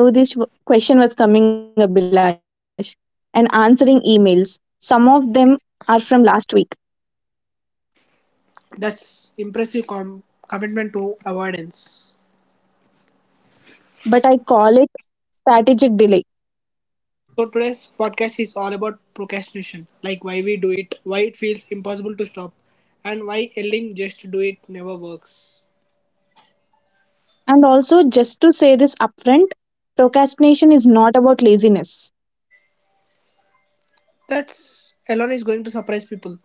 I knew this question was coming, Abhilash. And answering emails. Some of them are from last week, That's impressive commitment to avoidance. but I call it strategic delay. So today's podcast is all about procrastination, like why we do it, why it feels impossible to stop, and why yelling just do it never works. And also, just to say this upfront, procrastination is not about laziness. That's alone is going to surprise people.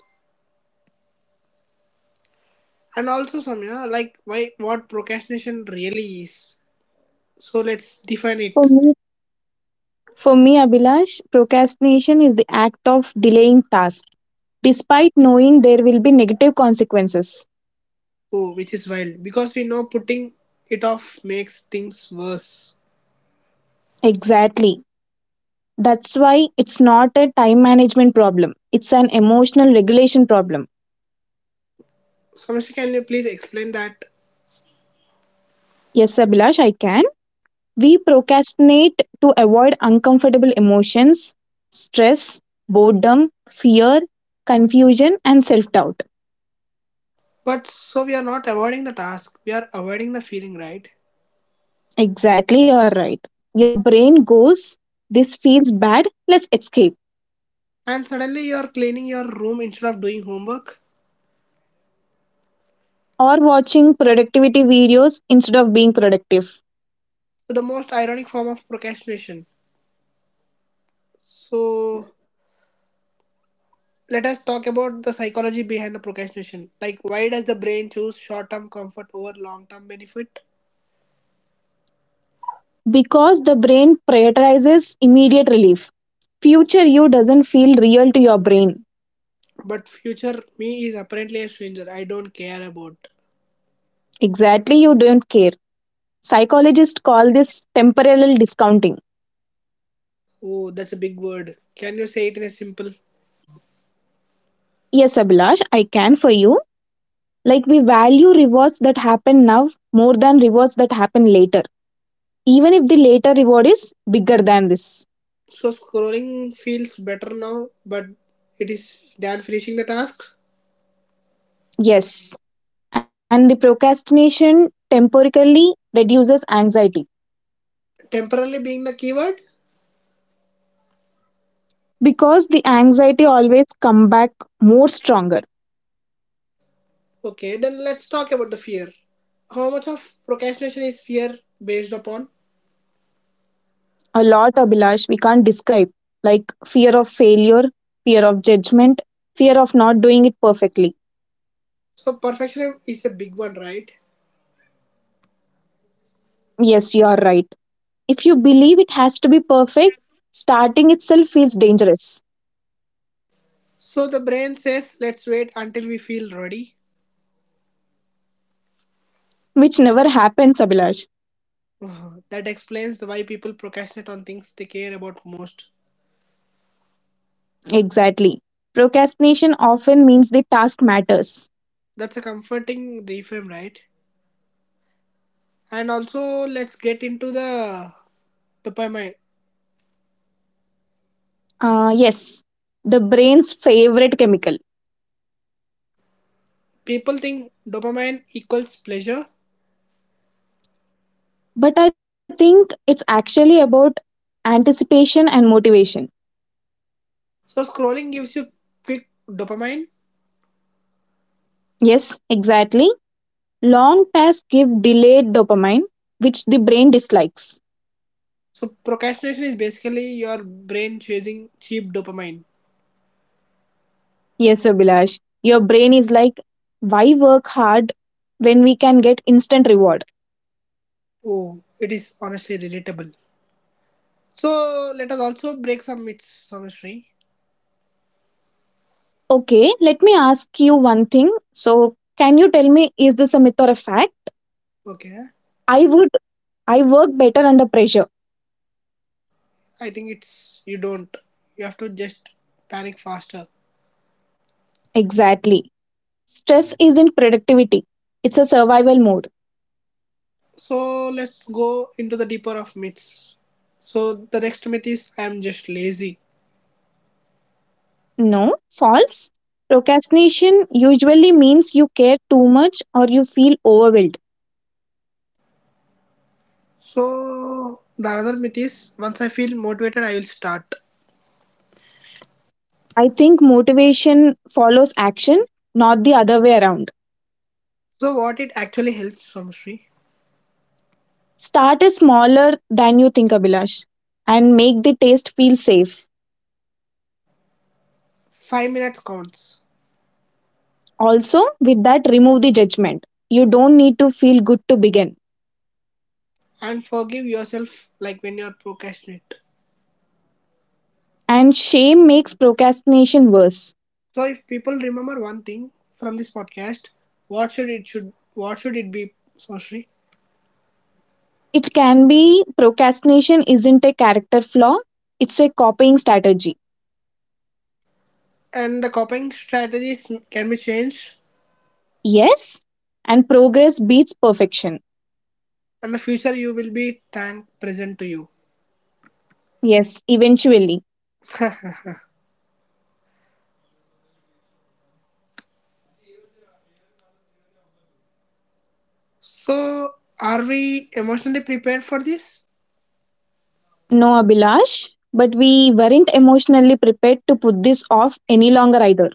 And also Samya, like why what procrastination really is. So let's define it. For me, for me, Abhilash, procrastination is the act of delaying tasks, despite knowing there will be negative consequences. Oh, which is wild. Because we know putting it off makes things worse. Exactly. That's why it's not a time management problem. It's an emotional regulation problem. Samashri, can you please explain that? Yes, Abhilash, I can. We procrastinate to avoid uncomfortable emotions, stress, boredom, fear, confusion, and self doubt. But so we are not avoiding the task, we are avoiding the feeling, right? Exactly, you're right. Your brain goes, this feels bad, let's escape. And suddenly you are cleaning your room instead of doing homework. Or watching productivity videos instead of being productive. So the most ironic form of procrastination. So let us talk about the psychology behind the procrastination. Like why does the brain choose short-term comfort over long-term benefit? Because the brain prioritizes immediate relief. Future you doesn't feel real to your brain. But future me is apparently a stranger. I don't care about. Exactly, you don't care. Psychologists call this temporal discounting. Oh, that's a big word. Can you say it in a simple? Yes, Abhilash, I can for you. Like we value rewards that happen now more than rewards that happen later, even if the later reward is bigger than this. So scrolling feels better now, but it is than finishing the task. Yes, and the procrastination temporarily reduces anxiety Temporarily being the keyword? because the anxiety always come back more stronger. Okay, then let's talk about the fear. How much of procrastination is fear based upon? A lot, Abhilash, we can't describe like fear of failure, fear of judgment, fear of not doing it perfectly. So, perfectionism is a big one, right? Yes, you are right. If you believe it has to be perfect, starting itself feels dangerous, So, the brain says, let's wait until we feel ready. which never happens, Abhilash. That explains why people procrastinate on things they care about most. Exactly. Procrastination often means the task matters. That's a comforting reframe, right? And also, let's get into the dopamine. Yes, the brain's favorite chemical. People think dopamine equals pleasure. But I think it's actually about anticipation and motivation. So, scrolling gives you quick dopamine. Yes, exactly. Long tasks give delayed dopamine, which the brain dislikes. So procrastination is basically your brain chasing cheap dopamine. Yes, Abhilash, your brain is like, why work hard when we can get instant reward? Oh, it is honestly relatable. So let us also break some myths, Samishri. Okay, let me ask you one thing. So, can you tell me, is this a myth or a fact? Okay, I would, I work better under pressure. I think it's you don't. You have to just panic faster. Exactly. Stress isn't productivity, it's a survival mode. So let's go into the deeper of myths. So the next myth is I am just lazy. No, false. Procrastination usually means you care too much or you feel overwhelmed. So the another myth is once I feel motivated, I will start. I think motivation follows action, not the other way around. So what it actually helps, Samishri? Start is smaller than you think, Abhilash, and make the taste feel safe. 5 minutes counts. Also, with that, remove the judgment. You don't need to feel good to begin. And forgive yourself like when you're procrastinate. And shame makes procrastination worse. So if people remember one thing from this podcast, what should it be, Sorry. It can be procrastination isn't a character flaw, it's a copying strategy. And the coping strategies can be changed Yes, and progress beats perfection. and the future you will be thank present to you. Yes, eventually. So are we emotionally prepared for this? No, Abhilash, but we weren't emotionally prepared to put this off any longer either.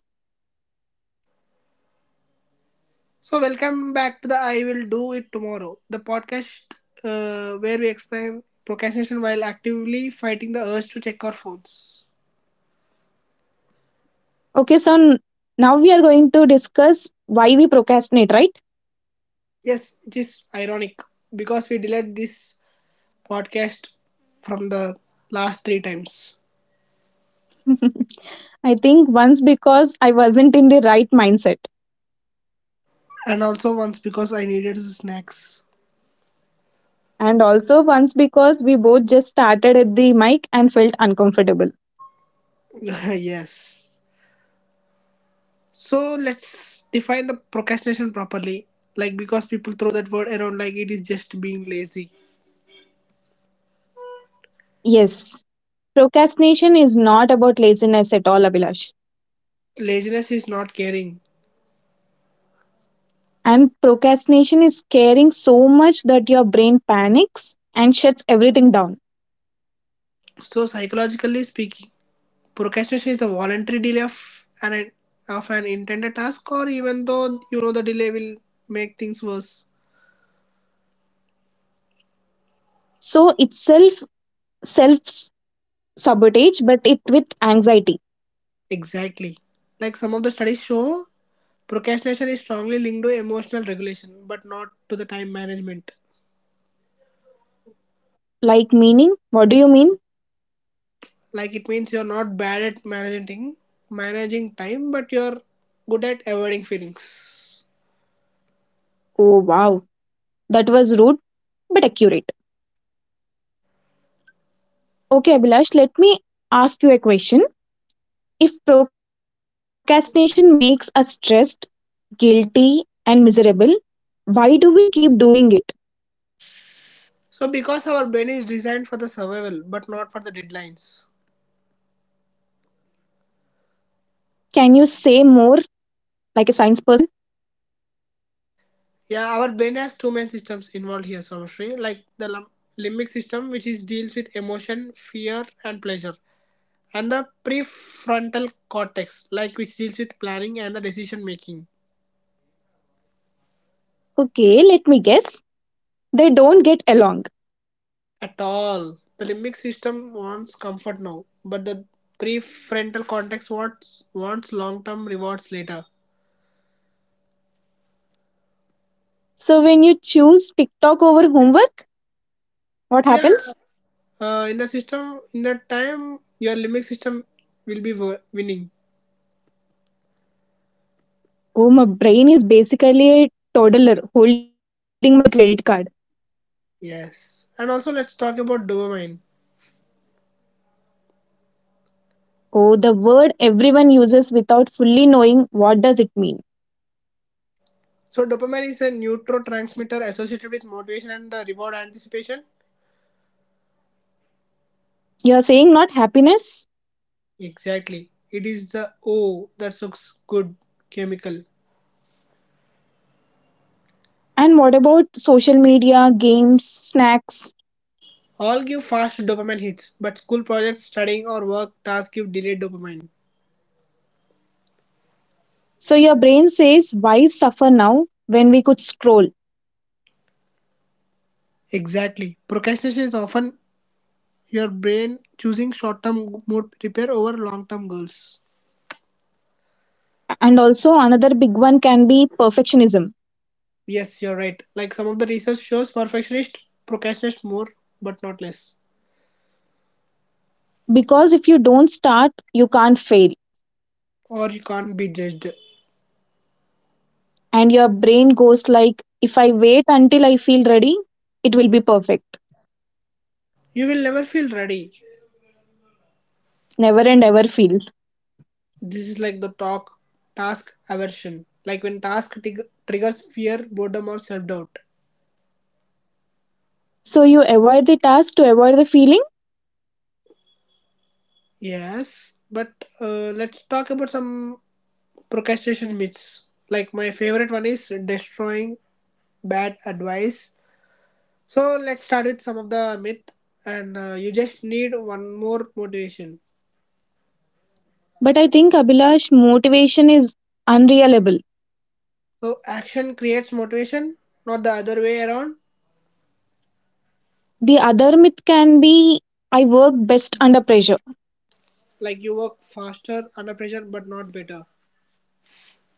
So welcome back to the I will do it tomorrow, the podcast, where we explain procrastination while actively fighting the urge to check our phones. Okay, so now we are going to discuss why we procrastinate, right? Yes, it is ironic because we delayed this podcast from the last 3 times. I think once because I wasn't in the right mindset, And also once because I needed the snacks. and also once because we both just started at the mic and felt uncomfortable. Yes. So let's define the procrastination properly. Like because people throw that word around like it is just being lazy. Yes, procrastination is not about laziness at all, Abhilash. Laziness is not caring. And procrastination is caring so much that your brain panics and shuts everything down. So psychologically speaking, procrastination is a voluntary delay of an intended task or even though you know the delay will make things worse. So it's self sabotage, but it with anxiety. Exactly. Like some of the studies show, procrastination is strongly linked to emotional regulation, but not to the time management. Like meaning, what do you mean? Like it means you're not bad at managing time, but you're good at avoiding feelings. Oh, wow. That was rude but accurate. Okay, Abhilash, let me ask you a question. If procrastination makes us stressed, guilty, and miserable, why do we keep doing it? So because our brain is designed for the survival, but not for the deadlines. Can you say more like a science person? Yeah, our brain has two main systems involved here, Somashri. Like the limbic system, which is deals with emotion, fear, and pleasure, and the prefrontal cortex like which deals with planning and the decision making. Okay, let me guess. They don't get along. At all the limbic system wants comfort now but the prefrontal cortex wants long term rewards later. So when you choose TikTok over homework, what Yeah, happens? In the system in that time your limbic system will be winning. Oh, my brain is basically a toddler holding my credit card. Yes, and also let's talk about dopamine. Oh, the word everyone uses without fully knowing what does it mean. So dopamine is a neurotransmitter associated with motivation and the reward anticipation. You're saying not happiness? Exactly, it is the oh that looks good chemical. And what about social media, games, snacks? All give fast dopamine hits, but school projects, studying, or work tasks give delayed dopamine. So your brain says, why suffer now when we could scroll? Exactly. Procrastination is often your brain choosing short term mood repair over long term goals. And also, another big one can be perfectionism. Yes, you're right. Like some of the research shows, perfectionists procrastinate more, but not less. Because if you don't start, you can't fail. Or you can't be judged. And your brain goes like, if I wait until I feel ready, it will be perfect. You will never feel ready. Never and ever feel. This is like the talk task aversion. Like when task triggers fear, boredom, or self doubt. So you avoid the task to avoid the feeling. Yes, but let's talk about some procrastination myths. Like my favorite one is destroying bad advice. So let's start with some of the myth, and you just need one more motivation. But I think, Abhilash, motivation is unreliable. So action creates motivation, not the other way around. The other myth can be I work best under pressure. Like you work faster under pressure, but not better.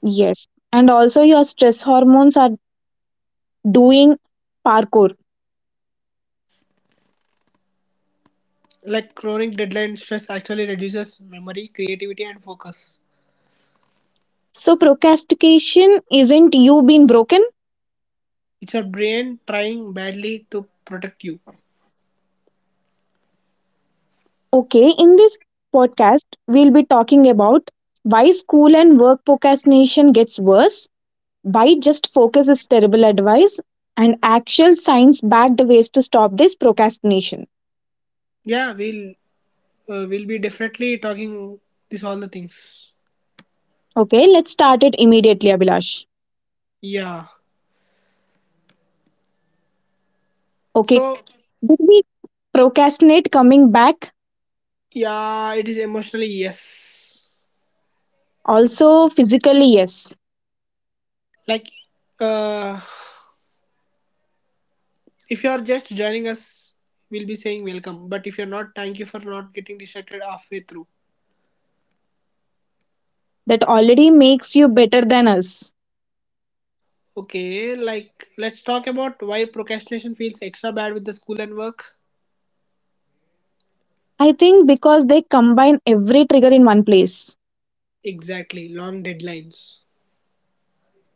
Yes. And also, your stress hormones are doing parkour. Like chronic deadline stress actually reduces memory, creativity, and focus. So, procrastination isn't you being broken. It's your brain trying badly to protect you. Okay. In this podcast, we'll be talking about why school and work procrastination gets worse, why just focus is terrible advice, and actual science backed ways to stop this procrastination. Yeah, we'll be definitely talking these all the things. Okay. Let's start it immediately, Abhilash. Yeah. Okay. So Did we procrastinate coming back? yeah, it is emotionally yes. Also, physically, yes, Like, uh, if you are just joining us, we'll be saying welcome. But if you're not, thank you for not getting distracted halfway through. that already makes you better than us. Okay, like let's talk about why procrastination feels extra bad with the school and work. I think because they combine every trigger in one place. Exactly, long deadlines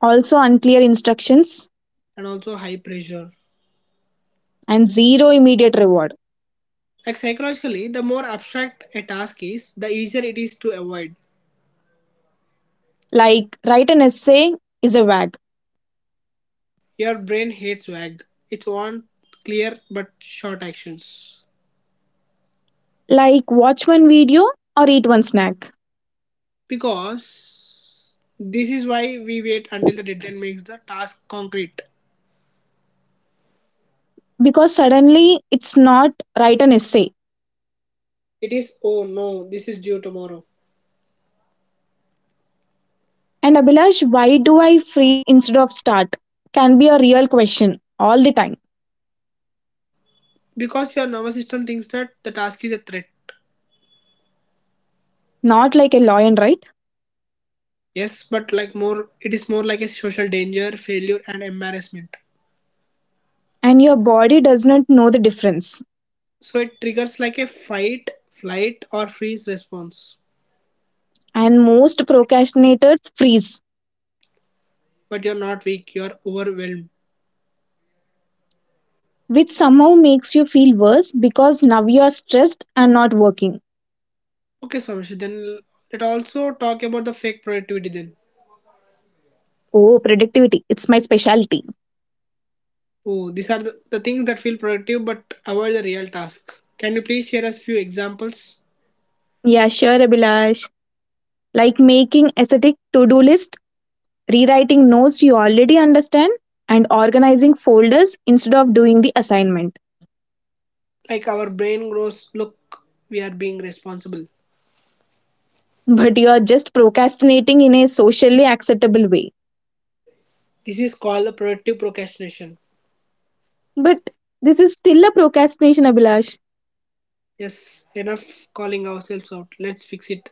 Also, unclear instructions and also high pressure. and zero immediate reward. Like psychologically, the more abstract a task is, the easier it is to avoid. Like, write an essay is a wag. Your brain hates vague. It wants clear but short actions. Like, watch one video or eat one snack. Because this is why we wait until the deadline makes the task concrete. Because suddenly it's not write an essay. It is, oh no, this is due tomorrow. And Abhilash, why do I freeze instead of start? Can be a real question all the time. Because your nervous system thinks that the task is a threat. Not like a lion, right? Yes, but like more, it is more like a social danger, failure, and embarrassment. And your body does not know the difference, So it triggers like a fight, flight, or freeze response. and most procrastinators freeze, But you're not weak, you're overwhelmed. which somehow makes you feel worse because now you are stressed and not working. Okay, Swamish, then let also talk about the fake productivity then. Oh, productivity, it's my specialty. Oh, these are the things that feel productive but avoid the real task. Can you please share us few examples? Yeah, sure, Abhilash. Like making aesthetic to do list, rewriting notes you already understand, and organizing folders instead of doing the assignment. Like our brain grows, look, we are being responsible. But you are just procrastinating in a socially acceptable way. This is called the productive procrastination. But this is still a procrastination, Abhilash. Yes, enough calling ourselves out. Let's fix it.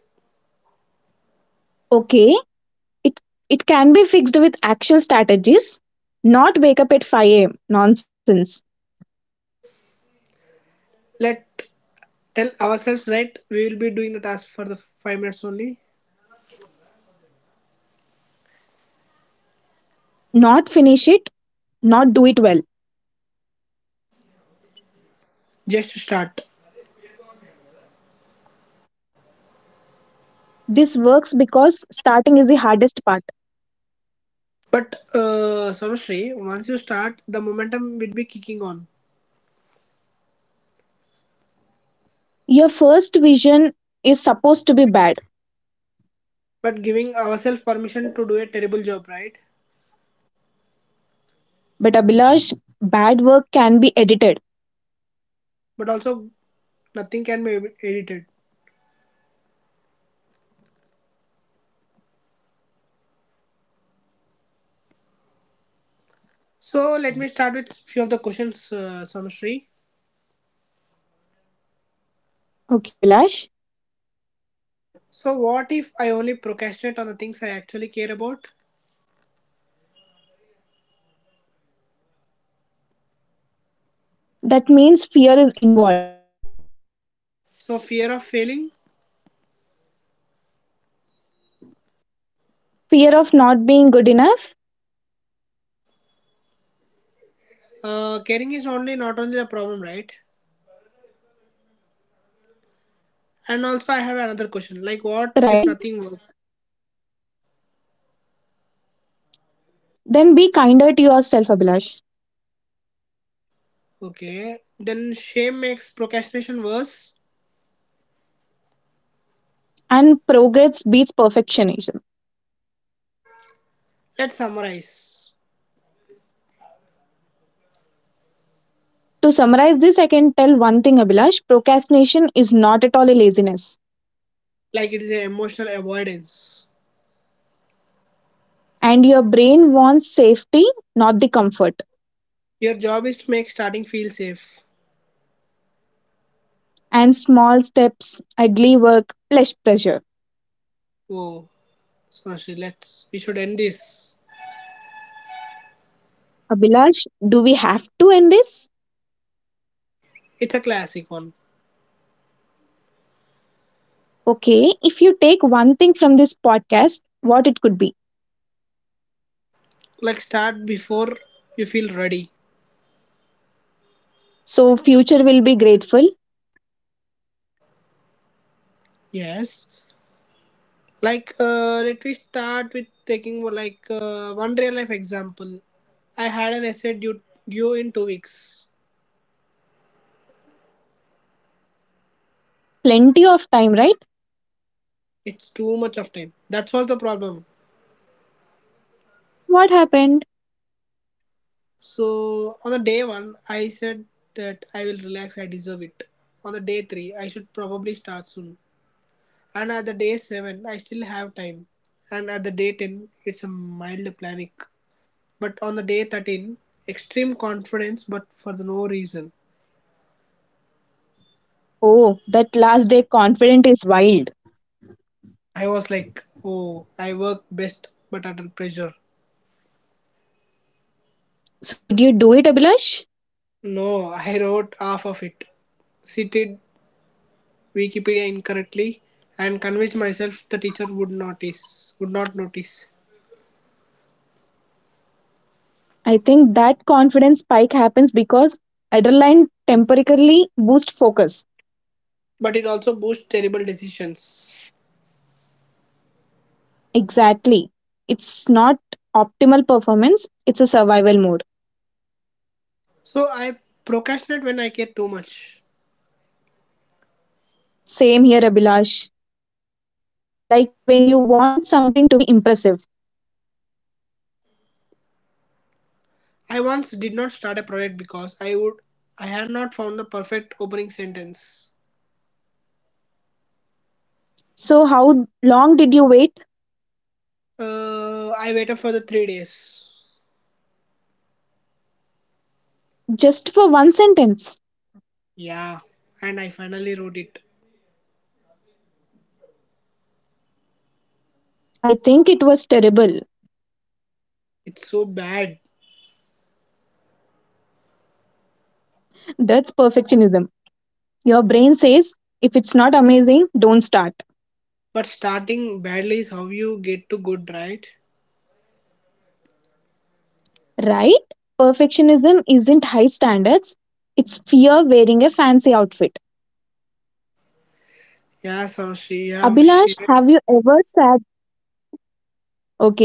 Okay, It it can be fixed with actual strategies, not wake up at 5 a.m. nonsense, Let tell ourselves right we will be doing the task for the 5 minutes only. not finish it, not do it well. Just to start. This works because starting is the hardest part. But Sarvashri, once you start, the momentum will be kicking on. Your first vision is supposed to be bad, But giving ourselves permission to do a terrible job, right? but Abhilash, bad work can be edited. But also nothing can be edited. So let me start with few of the questions, Samshri. Okay, Abhilash? So what if I only procrastinate on the things I actually care about? That means fear is involved. So fear of failing. Fear of not being good enough, Caring is only not only the problem, right? And also I have another question. Like what right? if nothing works? Then be kinder to yourself, Abhilash. Okay, then shame makes procrastination worse. And progress beats perfectionism. Let's summarize. To summarize this, I can tell one thing, Abhilash procrastination is not at all a laziness, Like it is an emotional avoidance. and your brain wants safety, not the comfort, Your job is to make starting feel safe. and small steps, ugly work, less pressure. Oh, Samshri, let's we should end this. Abhilash, do we have to end this? It's a classic one. Okay, if you take one thing from this podcast, what it could be. Like, start before you feel ready. So, future will be grateful. Yes, like, let me start with taking, like, one real life example. I had an essay due in 2 weeks. Plenty of time, right? It's too much of time that was the problem. What happened? So on the day one, I said that I will relax. I deserve it. On the day three, I should probably start soon. And at the day seven, I still have time. And at the day 10, it's a mild panic. But on the day 13, extreme confidence, but for the no reason. Oh, that last day confident is wild. I was like, oh, I work best, but under pressure. So, did you do it, Abhilash? No, I wrote half of it, cited Wikipedia incorrectly, and convinced myself the teacher would notice, would not notice. I think that confidence spike happens because adrenaline temporarily boosts focus. But it also boosts terrible decisions. Exactly. It's not optimal performance, it's a survival mode. So I procrastinate when I care too much. Same here, Abhilash. Like when you want something to be impressive. I once did not start a project because I had not found the perfect opening sentence. So, how long did you wait I waited for the 3 days. just for one sentence? Yeah, and I finally wrote it. I think it was terrible. It's so bad. That's perfectionism. Your brain says, if it's not amazing, don't start. But starting badly is how you get to good, right? Right? Perfectionism isn't high standards, it's fear wearing a fancy outfit. Yeah, so she have Abhilash, shared. have you ever sat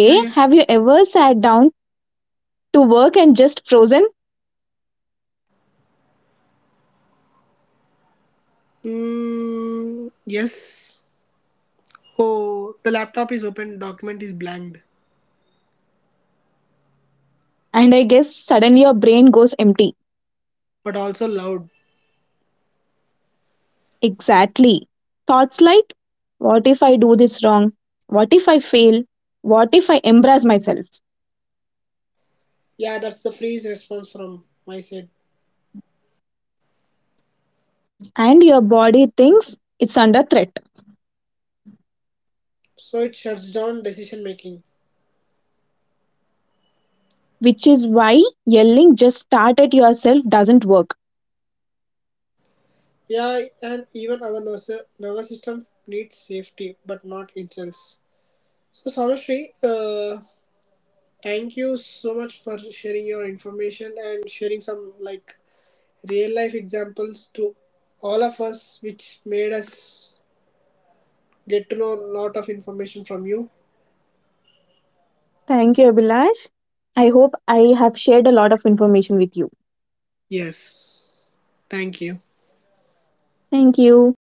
Yeah, yeah. have you ever sat down to work and just frozen? Mm, yes. Oh, the laptop is open, document is blanked, And I guess suddenly your brain goes empty. but also loud. Exactly. Thoughts like what if I do this wrong? What if I fail? What if I embarrass myself? Yeah, that's the freeze response from my side. And your body thinks it's under threat, So it shuts down decision making. which is why yelling just start at yourself doesn't work. Yeah, and even our nervous system needs safety, but not insults. So, Sarvashri, thank you so much for sharing your information and sharing some like real life examples to all of us, which made us get to know a lot of information from you. Thank you, Abhilash. I hope I have shared a lot of information with you. Yes, thank you. Thank you.